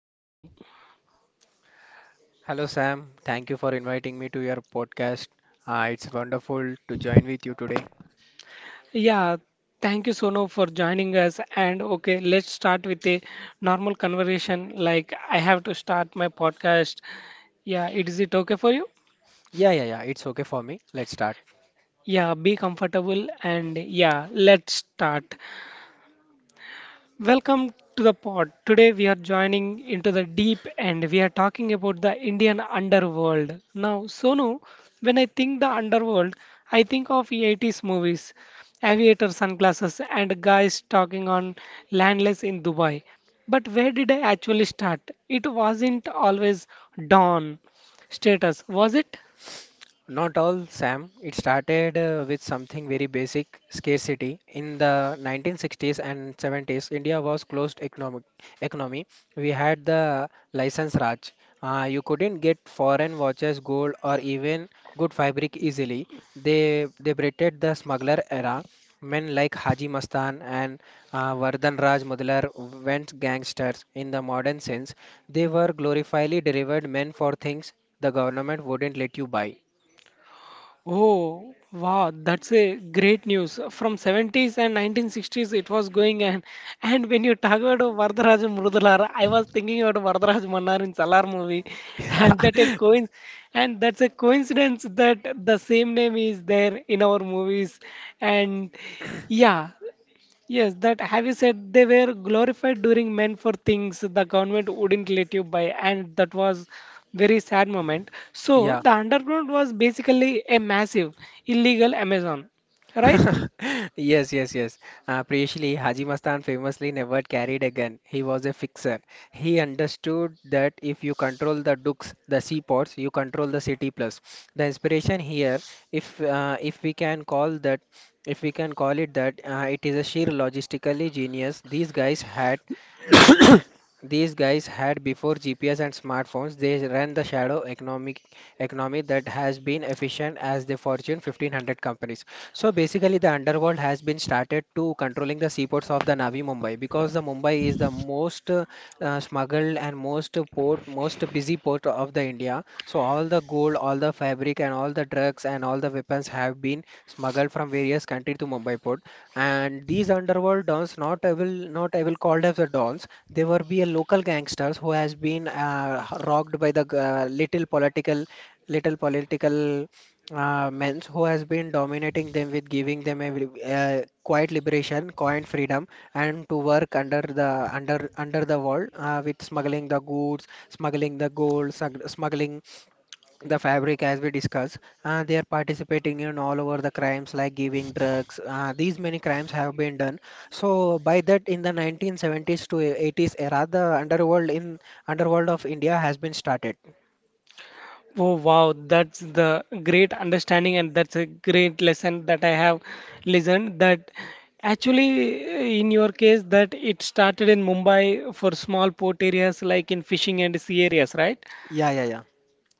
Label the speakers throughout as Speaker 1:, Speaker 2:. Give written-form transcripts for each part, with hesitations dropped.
Speaker 1: Sonu.
Speaker 2: Hello, Sam. Thank you for inviting me to your podcast. It's wonderful to join with you today.
Speaker 1: Yeah, thank you Sonu for joining us and okay, let's start with a normal conversation like I have to start my podcast. Yeah, is it okay for you?
Speaker 2: Yeah, yeah, yeah. It's okay for me. Let's start.
Speaker 1: Yeah, be comfortable and yeah, let's start. Welcome to the pod. Today we are joining into the deep and we are talking about the Indian underworld. Now, Sonu, when I think the underworld, I think of eighties movies, aviator sunglasses, and guys talking on landless in Dubai. But where did I actually start? It wasn't always dawn status, was it?
Speaker 2: Not all, Sam. It started with something very basic scarcity. In the 1960s and 70s, India was closed economic economy. We had the license Raj. You couldn't get foreign watches, gold, or even good fabric easily. They bred the smuggler era. Men like Haji Mastan and Vardhan Raj Mudlar went gangsters in the modern sense. They were glorifiably derived men for things the government wouldn't let you buy.
Speaker 1: Oh, wow, that's a great news. From seventies and 1960s, it was going and when you talk about Varadaraj Murudalare, I was thinking about Varadaraj Mannar in Salar movie, and that a coinc and that's a coincidence that the same name is there in our movies, and yeah, yes, that have you said they were glorified during men for things the government wouldn't let you buy, and that was very sad moment. So
Speaker 2: Yeah.
Speaker 1: the underground was basically a massive illegal Amazon, right?
Speaker 2: Yes, yes, yes. Previously, Haji Mastan famously never carried a gun. He was a fixer. He understood that if you control the dukes, the seaports, you control the city plus. The inspiration here, if we can call that, if we can call it that, it is a sheer logistically genius. These guys had before GPS and smartphones, they ran the shadow economic economy that has been efficient as the Fortune 1500 companies. So basically, the underworld has been started to controlling the seaports of the Navi Mumbai because the Mumbai is the most smuggled and most busy port of the India. So all the gold, all the fabric, and all the drugs and all the weapons have been smuggled from various countries. Kanti to Mumbai port. And these underworld dons, not I will not I will call them the dons. They were be a local gangsters who has been rocked by the little political men who has been dominating them with giving them a quiet quiet freedom, and to work under the under under the world with smuggling the goods, smuggling the gold, smuggling the fabric as we discussed. They are participating in all over the crimes like giving drugs. These many crimes have been done, so by that in the 1970s to 80s era the underworld in underworld of India has been started.
Speaker 1: Oh wow, that's the great understanding and that's a great lesson that I have listened that actually in your case that it started in Mumbai for small port areas like in fishing and sea areas, right?
Speaker 2: Yeah, yeah, yeah.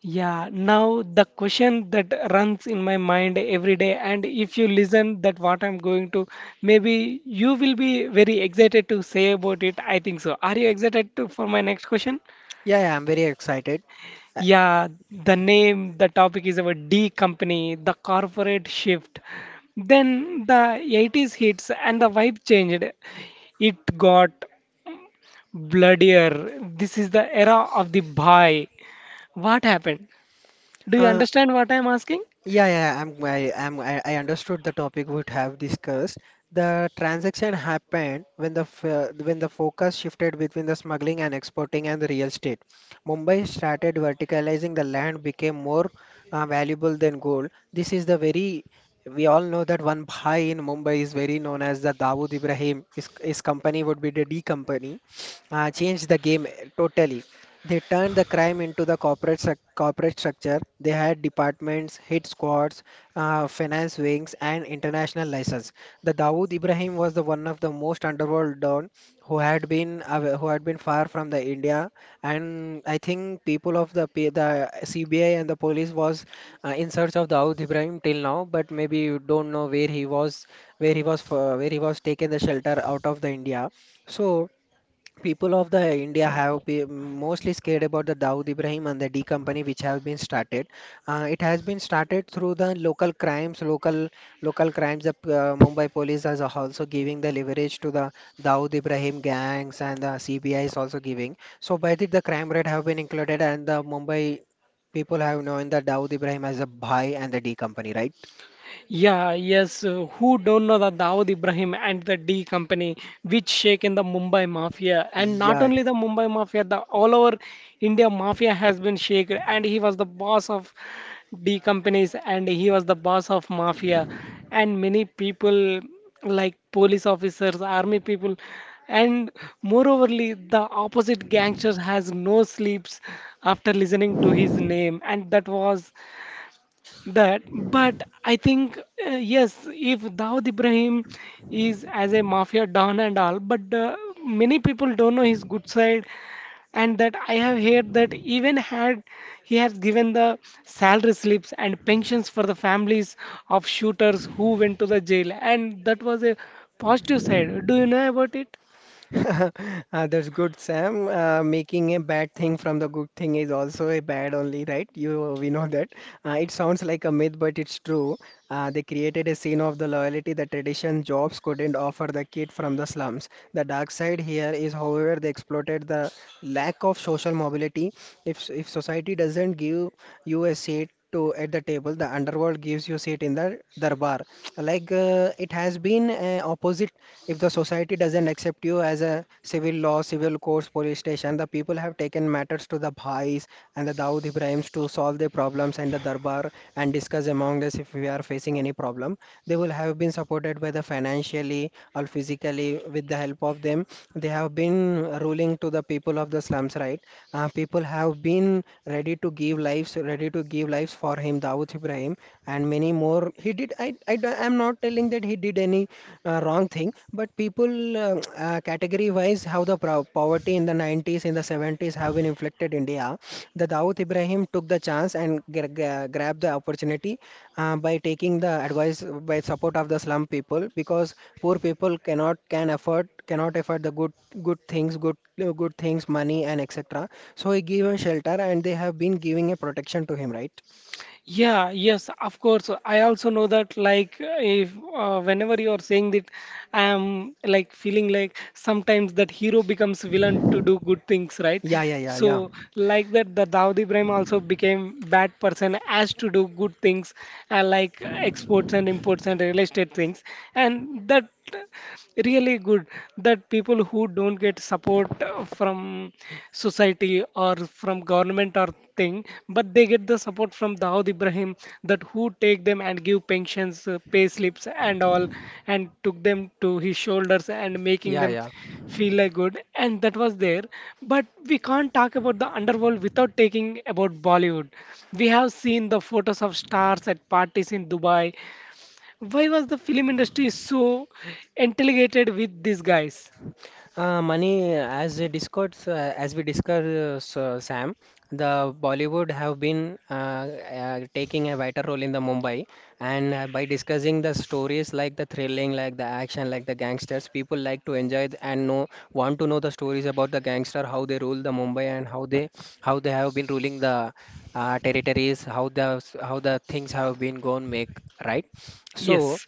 Speaker 1: Yeah, now the question that runs in my mind every day, and if you listen that what I'm going to, maybe you will be very excited to say about it. I think so. Are you excited to, for my next question?
Speaker 2: Yeah, yeah, I'm very excited.
Speaker 1: Yeah, the name, the topic is about D company, the corporate shift. Then the eighties hits and the vibe changed. It got bloodier. This is the era of the buy. What happened? Do you
Speaker 2: Uh,
Speaker 1: understand what I'm asking?
Speaker 2: Yeah, yeah, yeah, I'm, I understood the topic would have discussed. The transaction happened when the when the focus shifted between the smuggling and exporting and the real estate. Mumbai started verticalizing the land became more valuable than gold. This is the very we all know that one bhai in Mumbai is very known as the Dawood Ibrahim. His company would be the D company. Changed the game totally. They turned the crime into the corporate structure. They had departments, hit squads, finance wings, and international license. The Dawood Ibrahim was the one of the most underworld don who had been far from the India, and I think people of the the CBI and the police was in search of Dawood Ibrahim till now, but maybe you don't know where he was where he was f- where he was taken the shelter out of the India. So people of the India have be mostly scared about the Dawood Ibrahim and the D company which have been started. It has been started through the local crimes, local crimes. The Mumbai police has also giving the leverage to the Dawood Ibrahim gangs and the CBI is also giving. So by that the crime rate have been included and the Mumbai people have known the Dawood Ibrahim as a Bhai and the D company, right?
Speaker 1: Yeah, yes. Who don't know the Dawood Ibrahim and the D Company, which shake in the Mumbai Mafia, and not
Speaker 2: Yeah,
Speaker 1: only the Mumbai Mafia, the all over India Mafia has been shaken, and he was the boss of D companies, and he was the boss of Mafia, and many people like police officers, army people, and moreoverly, the opposite gangsters has no sleeps after listening to his name, and that was that but I think yes if Dawood Ibrahim is as a mafia don and all but many people don't know his good side and that I have heard that even had he has given the salary slips and pensions for the families of shooters who went to the jail and that was a positive side, do you know about it?
Speaker 2: That's good, Sam. Making a bad thing from the good thing is also a bad only, right? You, we know that. It sounds like a myth, but it's true. They created a scene of the loyalty that tradition jobs couldn't offer the kid from the slums. The dark side here is, however, they exploited the lack of social mobility. If society doesn't give you a seat to at the table, the underworld gives you seat in the darbar, like it has been opposite. If the society doesn't accept you as a civil law, civil courts, police station, the people have taken matters to the bhais and the daud ibrahims to solve their problems and the darbar, and discuss among us if we are facing any problem, they will have been supported by the financially or physically with the help of them. They have been ruling to the people of the slums, right? People have been ready to give lives, ready to give life lives for him, Dawood Ibrahim, and many more. He did. I am not telling that he did any wrong thing, but people um, category-wise how the poverty in the 90s, in the 70s have been inflicted India. The Dawood Ibrahim took the chance and grabbed the opportunity by taking the advice, by support of the slum people because poor people cannot afford the good good things good things, money and etc. So he gave a shelter and they have been giving a protection to him, right?
Speaker 1: Yeah, yes, of course. I also know that, like, if whenever you are saying that, I am like feeling like sometimes that hero becomes villain to do good things, right?
Speaker 2: Yeah, yeah, yeah, yeah,
Speaker 1: So, like that, the Dawood Ibrahim also became bad person as to do good things, like exports and imports and real estate unlisted things and that really good that people who don't get support from society or from government or thing but they get the support from Dawood Ibrahim that who take them and give pensions, pay slips and all and took them to his shoulders and making
Speaker 2: yeah,
Speaker 1: them
Speaker 2: yeah.
Speaker 1: feel like good and that was there but we can't talk about the underworld without taking about Bollywood. We have seen the photos of stars at parties in Dubai. Why was the film industry so interrogated with these guys?
Speaker 2: Money, as we discussed, Sam, the Bollywood have been taking a vital role in the Mumbai, and by discussing the stories like the thrilling, like the action, like the gangsters, people like to enjoy th- and know want to know the stories about the gangster, how they rule the Mumbai, and how they have been ruling the territories, how the things have been gone make, right? So.
Speaker 1: Yes.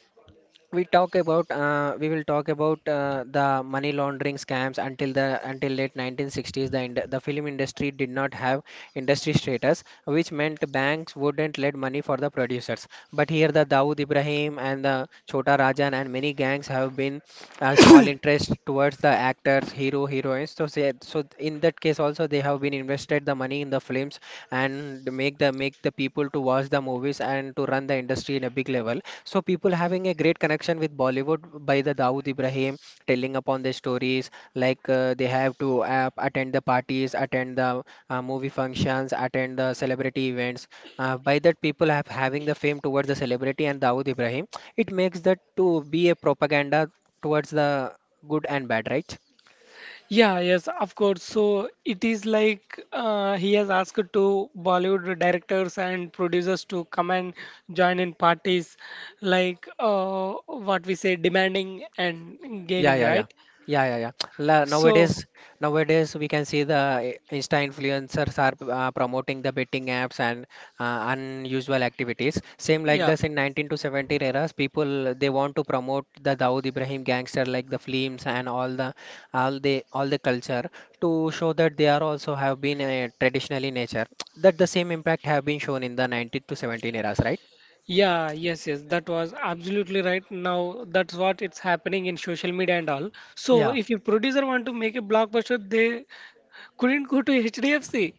Speaker 2: We talk about the money laundering scams until the until late 1960s the the film industry did not have industry status, which meant banks wouldn't lend money for the producers. But here the Dawood Ibrahim and the Chota Rajan and many gangs have been a small interest towards the actors, hero, heroines. So in that case also they have been invested the money in the films and make the people to watch the movies and to run the industry in a big level. So people having a great connection with Bollywood by the Dawood Ibrahim, telling upon their stories like they have to attend the parties, attend the movie functions, attend the celebrity events. By that people have having the fame towards the celebrity and Dawood Ibrahim. It makes that to be a propaganda towards the good and bad, right?
Speaker 1: Yeah, yes, of course. So it is like he has asked to Bollywood directors and producers to come and join in parties, like what we say, demanding and
Speaker 2: Yeah,
Speaker 1: gaining,
Speaker 2: yeah, yeah.
Speaker 1: right?
Speaker 2: Yeah, yeah, yeah.
Speaker 1: So,
Speaker 2: Nowadays, we can see the Insta influencers are promoting the betting apps and unusual activities. Same like
Speaker 1: yeah.
Speaker 2: this in 19 to 17 eras, people they want to promote the Dawood Ibrahim gangster like the films and all the all the culture to show that they are also have been traditionally nature. That the same impact have been shown in the 19 to 17 eras,
Speaker 1: Yeah, yes, yes, that was absolutely right. Now that's what it's happening in social media and all. So
Speaker 2: right?
Speaker 1: if your producer want to make a blockbuster, they couldn't go to HDFC.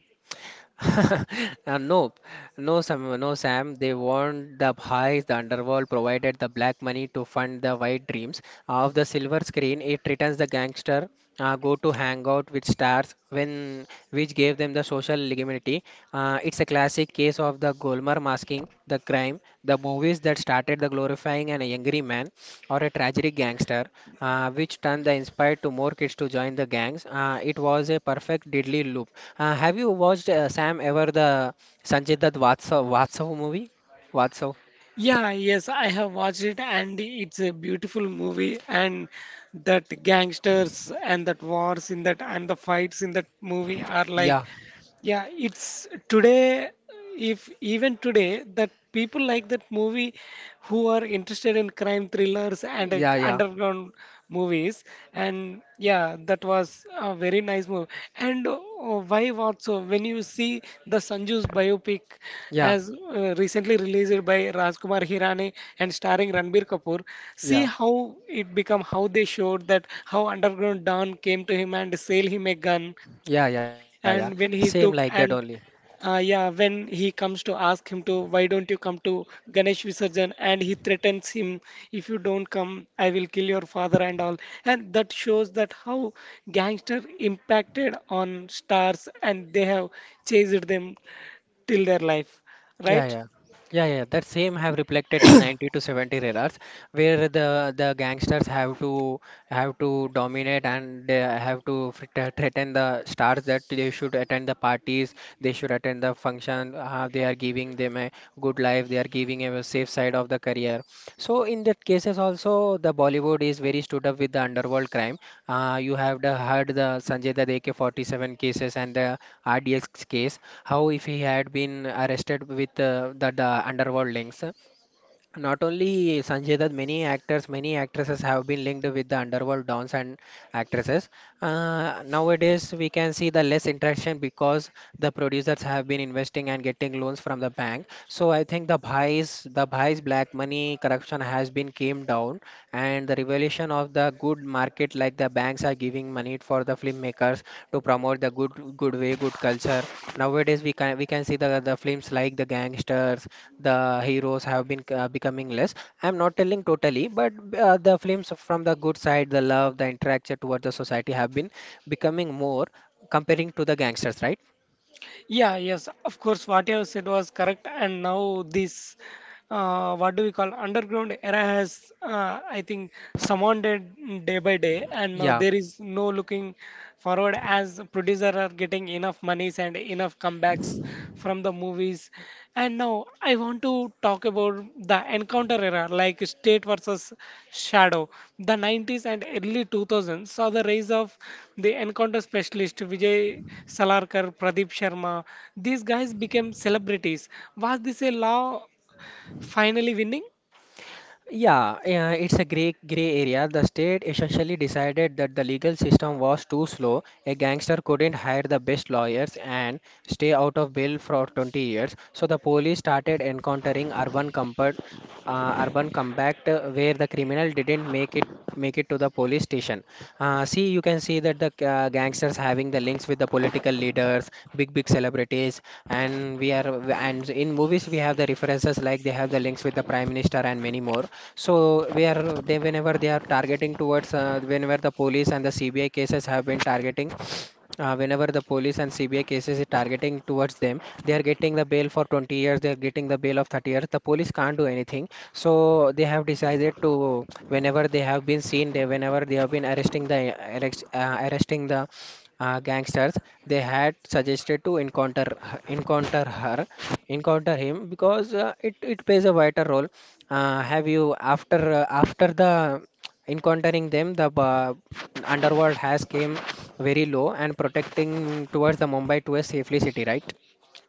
Speaker 2: Uh, no, no, Sam, no, Sam. They want the highs. The underworld provided the black money to fund the white dreams of the silver screen. It returns the gangster go to hang out with stars, when which gave them the social legitimacy. It's a classic case of the Golmer masking the crime. The movies that started the glorifying an angry man or a tragic gangster, which turned the inspired to more kids to join the gangs. It was a perfect deadly loop. Have you watched Sam ever the Sanjay Dutt Vatsav, movie? Vatsav.
Speaker 1: Yeah, yes, I have watched it, and it's a beautiful movie. And that gangsters and that wars in that and the fights in that movie
Speaker 2: Y-
Speaker 1: are like,
Speaker 2: Yeah,
Speaker 1: yeah, it's today. If even today that people like that movie, who are interested in crime thrillers and
Speaker 2: yeah, yeah,
Speaker 1: underground movies. And yeah, that was a very nice movie. And why also when you see the Sanju's biopic
Speaker 2: yeah,
Speaker 1: as recently released by Rajkumar Hirani and starring Ranbir Kapoor, see
Speaker 2: yeah,
Speaker 1: how it become how they showed that how underground Don came to him and sell him a gun
Speaker 2: yeah, yeah, yeah.
Speaker 1: and
Speaker 2: Same
Speaker 1: when he
Speaker 2: like that
Speaker 1: took
Speaker 2: only.
Speaker 1: and yeah when he comes to ask him to why don't you come to Ganesh Visarjan and he threatens him, if you don't come I will kill your father and all, and that shows that how gangster impacted on stars and they have chased them till their life,
Speaker 2: Yeah,
Speaker 1: right?
Speaker 2: yeah. Yeah, yeah. yeah. That same have reflected in 90 to 70 radars where the gangsters have to dominate and they have to threaten the stars that they should attend the parties, they should attend the function, they are giving them a good life, they are giving a safe side of the career. So in that cases also the Bollywood is very stood up with the underworld crime. You have heard the Sanjay Dutt AK-47 cases and the RDX case. How if he had been arrested with the underworld links. Not only Sanjay Dutt, many actors, many actresses have been linked with the underworld dons and actresses. Nowadays, we can see the less interaction because the producers have been investing and getting loans from the bank. So I think the Bhai's black money corruption has been came down, and the revelation of the a good market like the banks are giving money for the filmmakers to promote the good way good culture. Nowadays we can see the films like the gangsters, the heroes have been becoming less. I'm not telling totally, but the films from the good side, the love, the interaction towards the society have been becoming more comparing to the gangsters, right?
Speaker 1: Yeah, yes, of course, what you have said was correct. And now this, what do we call underground era has, I think, surmounted day by day. And now
Speaker 2: Yeah.
Speaker 1: there is no looking forward as producers are getting enough monies and enough comebacks from the movies. And now I want to talk about the encounter era, like state versus shadow. The nineties and early 2000s saw the rise of the encounter specialist Vijay Salarkar, Pradeep Sharma. These guys became celebrities. Was this a law finally winning?
Speaker 2: Yeah, it's a gray area. The state essentially decided that the legal system was too slow. A gangster couldn't hire the best lawyers and stay out of bail for 20 years. So the police started encountering urban comfort, urban compact, where the criminal didn't make it to the police station. See, you can see that the gangsters having the links with the political leaders, big celebrities. And we are and in movies we have the references like they have the links with the prime minister and many more. So we are they whenever they are targeting towards whenever the police and the CBI cases have been targeting whenever the police and CBI cases is targeting towards them, they are getting the bail for 20 years, they are getting the bail of 30 years. The police can't do anything. So they have decided to, whenever they have been seen, they, whenever they have been arresting the gangsters, they had suggested to encounter her, encounter him, because it plays a vital role. Have you after After the encountering them, the underworld has came very low and protecting towards the Mumbai to a safely city, right?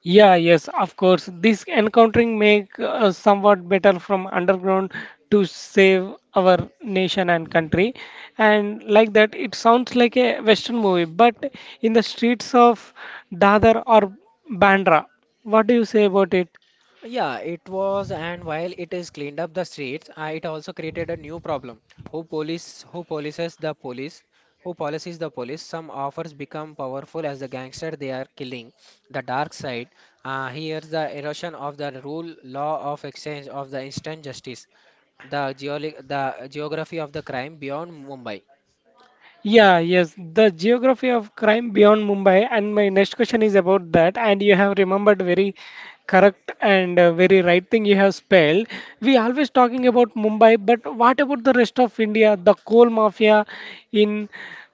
Speaker 1: Yeah, yes, of course. This encountering make us somewhat better from underground to save our nation and country. And like that, it sounds like a Western movie, but in the streets of Dadar or Bandra. What do you say about it?
Speaker 2: Yeah, it was, and while it is cleaned up the streets, it also created a new problem. Who polices the police, who policies the police? Some offers become powerful as the gangster they are killing. The dark side. Here's the erosion of the rule, law of exchange of the instant justice. The geography of the crime beyond Mumbai.
Speaker 1: Yeah, yes, the geography of crime beyond Mumbai. And my next question is about that. And you have remembered very correct and very right thing you have spelled. We always talking about Mumbai, but what about the rest of India? The coal mafia in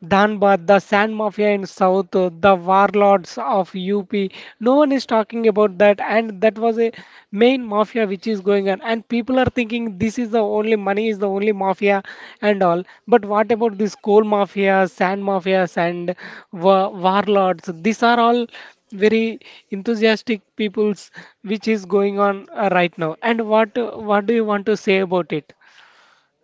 Speaker 1: Dhanbad, the sand mafia in South, the warlords of UP. No one is talking about that, and that was a main mafia which is going on. And people are thinking this is the only money is the only mafia and all. But what about this coal mafia, sand mafias, and warlords? These are all very enthusiastic peoples which is going on right now. And what do you want to say about it?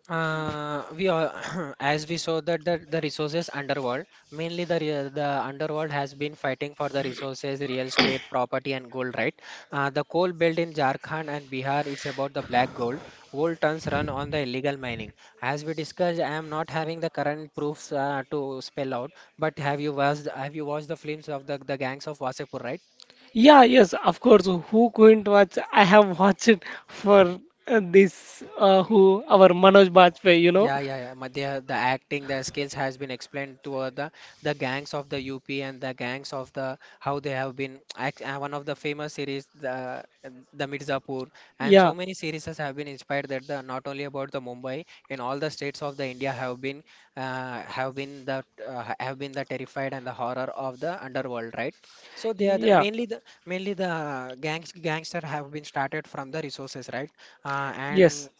Speaker 2: We all, as we saw that the resources underworld, mainly the underworld has been fighting for the resources, real estate, property, and gold, right? The coal belt in Jharkhand and Bihar, it's about the black gold. Gold tons run on the illegal mining. As we discussed, I am not having the current proofs to spell out, but have you watched the films of the gangs of Wasipur, right?
Speaker 1: Yeah, yes, of course. Who couldn't watch? I have watched it for this who our Manoj Bajpayee, you know.
Speaker 2: Yeah. Madhya, the acting, the skills has been explained to the gangs of the UP and the gangs of the how they have been. Act, one of the famous series, the Mirzapur, and
Speaker 1: Yeah,
Speaker 2: so many series have been inspired that the not only about the Mumbai, in all the states of the India have been the terrified and the horror of the underworld, right? So they are the,
Speaker 1: yeah,
Speaker 2: mainly the gangster have been started from the resources, right? And
Speaker 1: yes,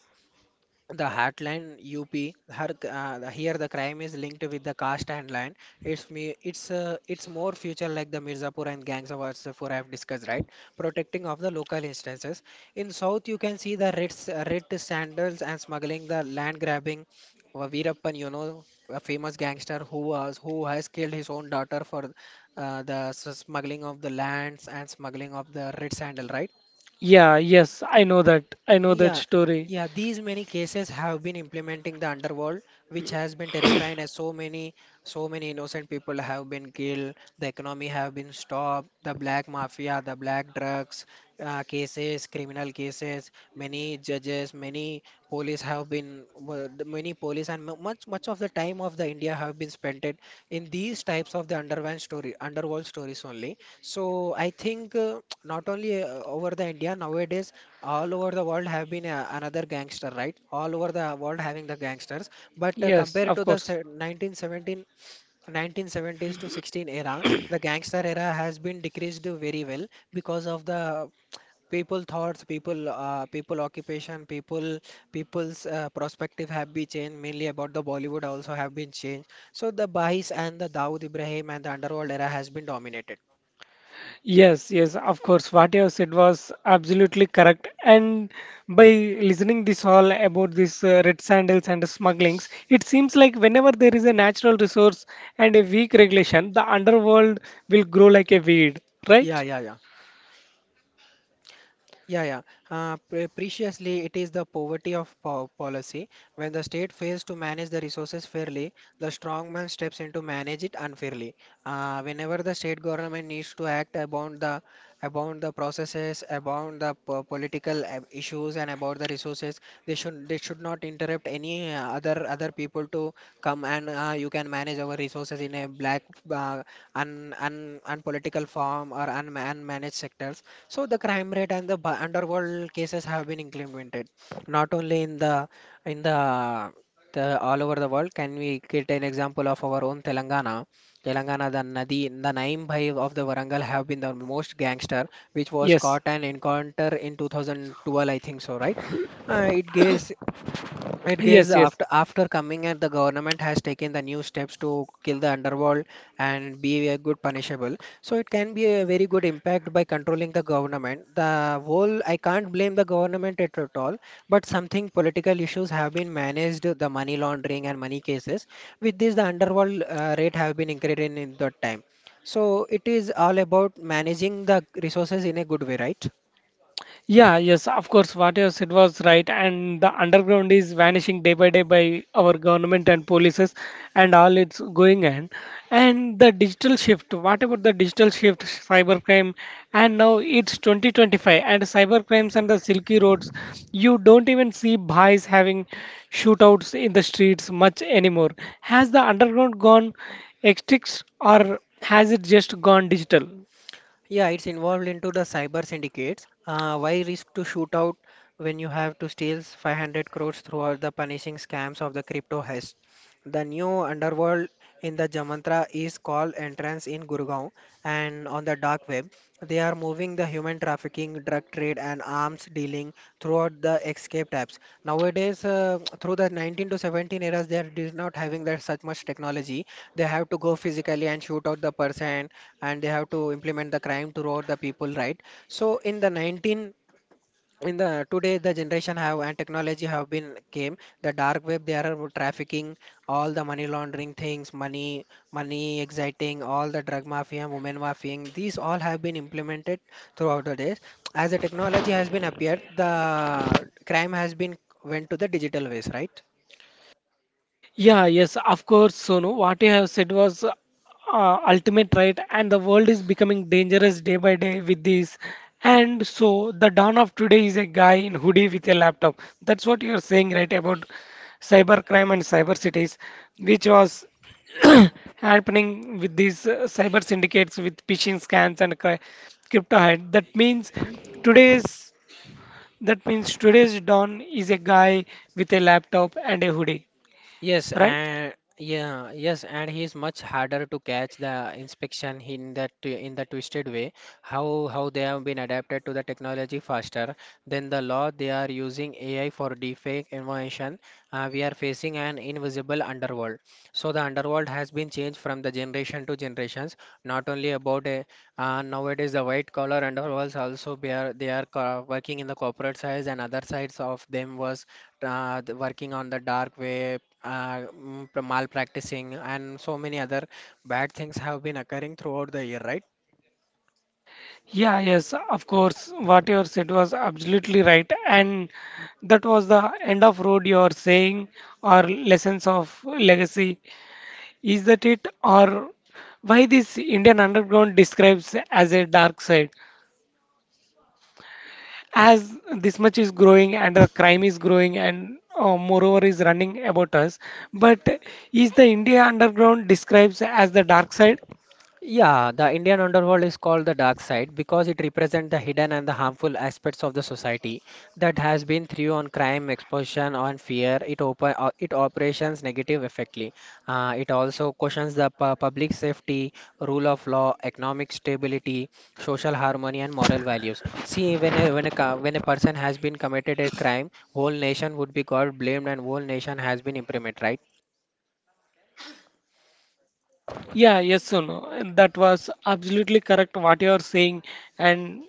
Speaker 2: the Heartland UP, here the crime is linked with the caste and land. It's me, it's It's more future like the Mirzapur and gangs of Wasseypur I've discussed, right? Protecting of the local instances. In South, you can see red sandals and smuggling, the land grabbing, Veerappan, you know, a famous gangster who has killed his own daughter for smuggling of the lands and smuggling of the red sandal, right?
Speaker 1: yeah, yes. I know that. I know that
Speaker 2: Yeah,
Speaker 1: story.
Speaker 2: yeah, these many cases have been implementing the underworld, which has been terrifying, as so many innocent people have been killed, the economy have been stopped, the black mafia, the black drugs, cases criminal cases, many judges, many police have been, the many police and much of the time of the India have been spent it in these types of the underground story, underworld stories only. So I think not only over the India, nowadays all over the world have been another gangster, right? All over the world having the gangsters, but
Speaker 1: Yes,
Speaker 2: compared
Speaker 1: of
Speaker 2: to the
Speaker 1: course.
Speaker 2: se- 1917 1970s to 16 era, the gangster era has been decreased very well because of the people thoughts, people, people occupation, people, people's perspective have been changed. Mainly about the Bollywood also have been changed. So the Bahis and the Dawood Ibrahim and the underworld era has been dominated.
Speaker 1: Yes, yes, of course. What you have said was absolutely correct. And by listening this all about this red sandals and smugglings, it seems like whenever there is a natural resource and a weak regulation, the underworld will grow like a weed,
Speaker 2: Yeah,
Speaker 1: right?
Speaker 2: yeah, yeah. Yeah. Preciously, it is the poverty of po policy. When the state fails to manage the resources fairly, the strong man steps in to manage it unfairly. Whenever the state government needs to act about the processes, about the political issues, and about the resources. They should not interrupt any other people to come and you can manage our resources in a black, uh, unpolitical form or unmanaged sectors. So the crime rate and underworld cases have been implemented, not only in in the the all over the world. Can we get an example of our own Telangana? Telangana, the Nadi, the name bhai of the Varangal have been the most gangster, which was
Speaker 1: Yes,
Speaker 2: caught and encounter in 2012, I think so, right? Uh, it gives it gets
Speaker 1: yes, yes.
Speaker 2: after after coming at the government has taken the new steps to kill the underworld and be a good punishable. So it can be a very good impact by controlling the government. The whole I can't blame the government at all, but something political issues have been managed, the money laundering and money cases. With this, the underworld rate have been increased in that time. So it is all about managing the resources in a good way, right?
Speaker 1: Yeah, yes, of course, what you said was right, and the underground is vanishing day by day by our government and polices and all it's going on. And the digital shift, what about the digital shift, cybercrime? And now it's 2025, and cybercrimes and the silky roads, you don't even see boys having shootouts in the streets much anymore. Has the underground gone extinct or has it just gone digital?
Speaker 2: Yeah, it's involved into the cyber syndicates. Why risk to shoot out when you have to steal 500 crores throughout the punishing scams of the crypto heist? The new underworld in the Jamantra is called Entrance in Gurgaon and on the dark web. They are moving the human trafficking, drug trade, and arms dealing throughout the escape tabs. Nowadays, through the 19 to 17 eras, they are did not having that such much technology. They have to go physically and shoot out the person, and they have to implement the crime to rob the people, right? So in the today the generation have and technology have been came, the dark web, they are trafficking all the money laundering things, money exciting, all the drug mafia, women mafia, these all have been implemented throughout the days, as the technology has been appeared, the crime has been went to the digital ways, right?
Speaker 1: Yeah, yes, of course, Sonu. What you have said was ultimate right, and the world is becoming dangerous day by day with this. And so, the dawn of today is a guy in hoodie with a laptop. That's what you're saying, right, about cybercrime and cyber cities, which was happening with these cyber syndicates with phishing scams and crypto hack. That means today's today's dawn is a guy with a laptop and a hoodie,
Speaker 2: Yes,
Speaker 1: right?
Speaker 2: and yeah, yes, and he's much harder to catch the inspection in that, in the twisted way. How they have been adapted to the technology faster than the law. They are using AI for deepfake information. We are facing an invisible underworld. So the underworld has been changed from the generation to generations. Not only about a, Nowadays the white collar underworlds also, working in the corporate sides and other sides of them was the working on the dark web, malpracticing, and so many other bad things have been occurring throughout the year, right?
Speaker 1: Yeah, yes, of course. What you said was absolutely right. And that was the end of road you are saying, or lessons of legacy. Is that it, or why this Indian underground describes as a dark side? As this much is growing and the crime is growing and moreover is running about us. But is the India underground describes as the dark side?
Speaker 2: Yeah, the Indian underworld is called the dark side because it represents the hidden and the harmful aspects of the society that has been through on crime, exposure, on fear. It operations negative effectively. It also questions public safety, rule of law, economic stability, social harmony, and moral values. See, when a person has been committed a crime, whole nation would be got blamed and whole nation has been imprisoned, right?
Speaker 1: Yeah, yes, Sonu. That was absolutely correct what you are saying. And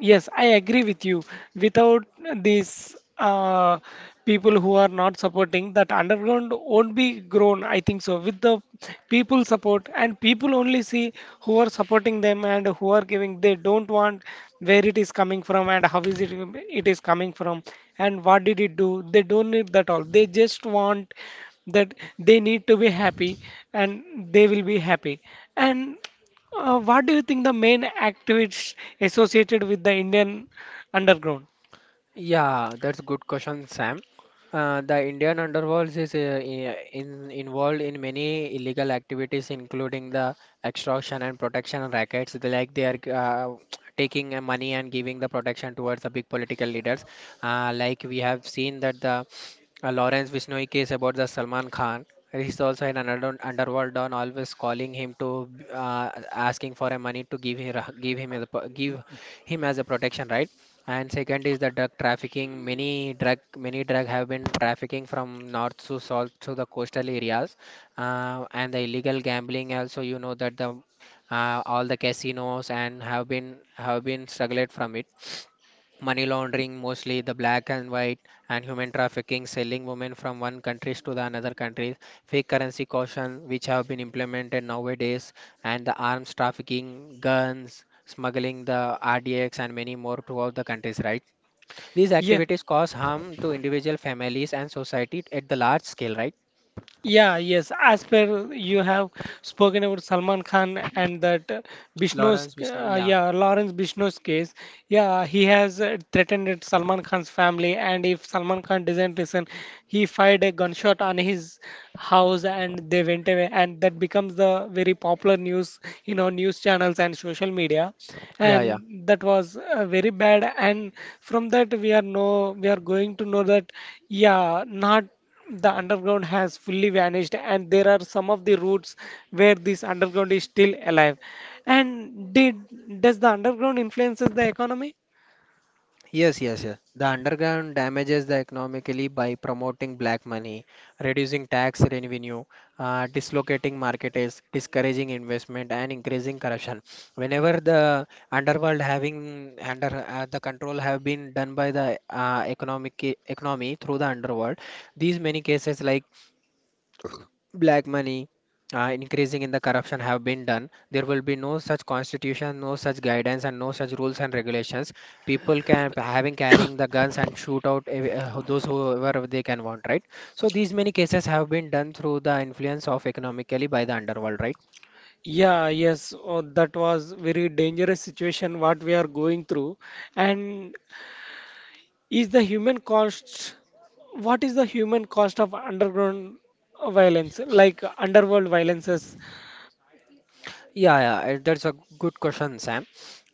Speaker 1: yes, I agree with you. Without these people who are not supporting, that underground won't be grown, I think so. With the people support, and people only see who are supporting them and who are giving, they don't want where it is coming from and how is it it is coming from and what did it do. They don't need that all. They just want that they need to be happy and they will be happy. And what do you think the main activities associated with the Indian underground?
Speaker 2: Yeah, that's a good question, Sam. The Indian underworld is involved in many illegal activities, including the extortion and protection rackets. They are taking money and giving the protection towards the big political leaders. Like we have seen that the Lawrence Vishnoi case about the Salman Khan. He's also an underworld don, always calling him to asking for a money to give him as a protection, right? And second is the drug trafficking. Many drug have been trafficking from north to south to the coastal areas, and the illegal gambling. Also, you know that the all the casinos and have been struggled from it. Money laundering, mostly the black and white, and human trafficking, selling women from one countries to the another countries. Fake currency caution, which have been implemented nowadays, and the arms trafficking, guns. Smuggling the RDX and many more throughout the countries, right? These
Speaker 1: Yeah,
Speaker 2: activities cause harm to individual families and society at the large scale, right?
Speaker 1: yeah, yes. As per you have spoken about Salman Khan and that
Speaker 2: Lawrence Vishnu, yeah.
Speaker 1: yeah, Lawrence Bishno's case. Yeah, he has threatened Salman Khan's family, and if Salman Khan doesn't listen, he fired a gunshot on his house, and they went away. And that becomes the very popular news, you know, news channels and social media.
Speaker 2: Yeah, yeah.
Speaker 1: And that was very bad. And from that, we are going to know that, yeah, not the underground has fully vanished and there are some of the routes where this underground is still alive and did does the underground influences the economy.
Speaker 2: Yes. The underground damages the economically by promoting black money, reducing tax revenue, dislocating markets, discouraging investment, and increasing corruption. Whenever the underworld having under the control have been done by the economic economy through the underworld, these many cases like black money, increasing in the corruption have been done, there will be no such constitution, no such guidance, and no such rules and regulations. People can having carrying the guns and shoot out those whoever they can want, right? So these many cases have been done through the influence of economically by the underworld, right?
Speaker 1: Yeah, yes. Oh, that was very dangerous situation what we are going through and is the human cost what is the human cost of underground violence like underworld violences?
Speaker 2: Yeah, that's a good question, Sam.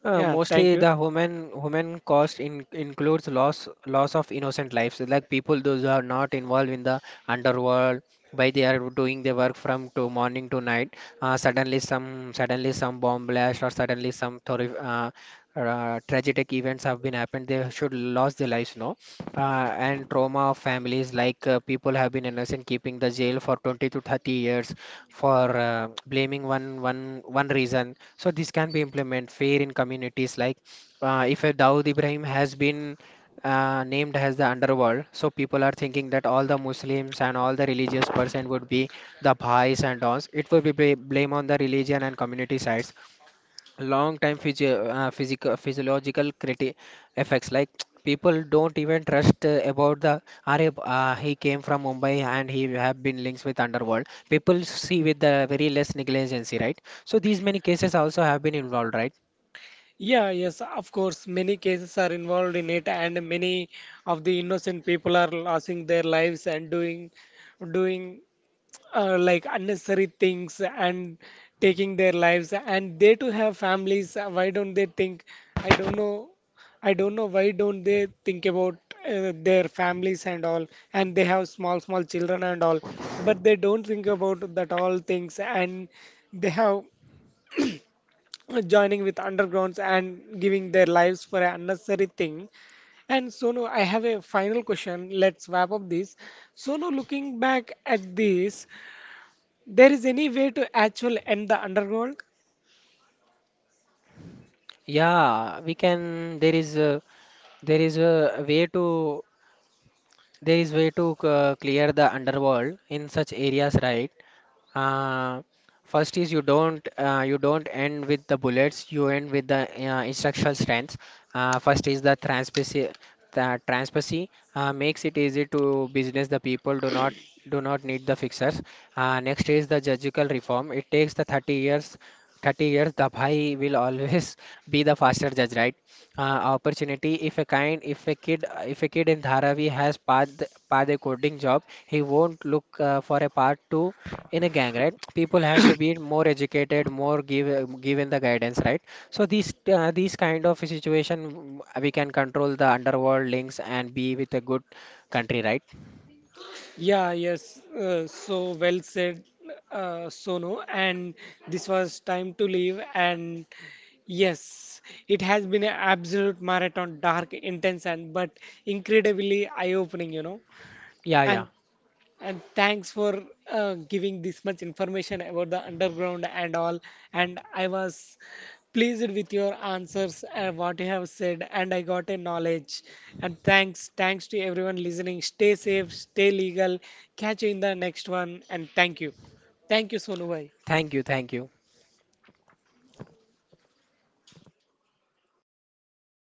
Speaker 1: Yeah,
Speaker 2: Mostly
Speaker 1: thank you.
Speaker 2: the human human cost includes loss of innocent lives, like people those who are not involved in the underworld, why they are doing their work from to morning to night. Suddenly some bomb blast or suddenly some thorif tragic events have been happened. They should lose their lives, no? uh, and trauma of families like people have been innocent keeping the jail for 20 to 30 years for blaming one reason. So this can be implement fair in communities like if a Dawood Ibrahim has been named as the underworld, so people are thinking that all the Muslims and all the religious person would be the bhais and dons, it will be blame on the religion and community sides. Long time physio- physical physiological effects like people don't even trust about the Arya, he came from Mumbai and he have been linked with underworld people, see, with the very less negligence, right? So these many cases also have been involved, right?
Speaker 1: Yeah, yes, of course, many cases are involved in it, and many of the innocent people are losing their lives and doing like unnecessary things and taking their lives, and they too have families. Why don't they think? I don't know. I don't know why don't they think about their families and all, and they have small, small children and all, but they don't think about that all things, and they have joining with undergrounds and giving their lives for an unnecessary thing. And Sonu, I have a final question. Let's wrap up this. Sonu, looking back at this, there is any way to actually end the underground?
Speaker 2: Yeah, we can, there is a way to there is way to clear the underworld in such areas, right? Uh, First is, you don't end with the bullets. You end with the instructional strengths. First is the transparency. The transparency makes it easy to business. The people do not need the fixers. Next is the judicial reform. It takes the 30 years. 30 years, the bhai will always be the faster judge, right? Opportunity. If a kid in Dharavi has passed a coding job, he won't look for a part two in a gang, right? People have to be more educated, given the guidance, right? So these kind of situation we can control the underworld links and be with a good country, right?
Speaker 1: Yeah, yes. So well said, Sonu. And this was time to leave. And yes, it has been an absolute marathon, dark, intense, and but incredibly eye-opening, you know.
Speaker 2: Yeah,
Speaker 1: And
Speaker 2: yeah.
Speaker 1: and thanks for giving this much information about the underground and all and I was pleased with your answers and what you have said and I got a knowledge and thanks, thanks to everyone listening, stay safe, stay legal, catch you in the next one and thank you, thank you Sonu Bhai.
Speaker 2: Thank you, thank you.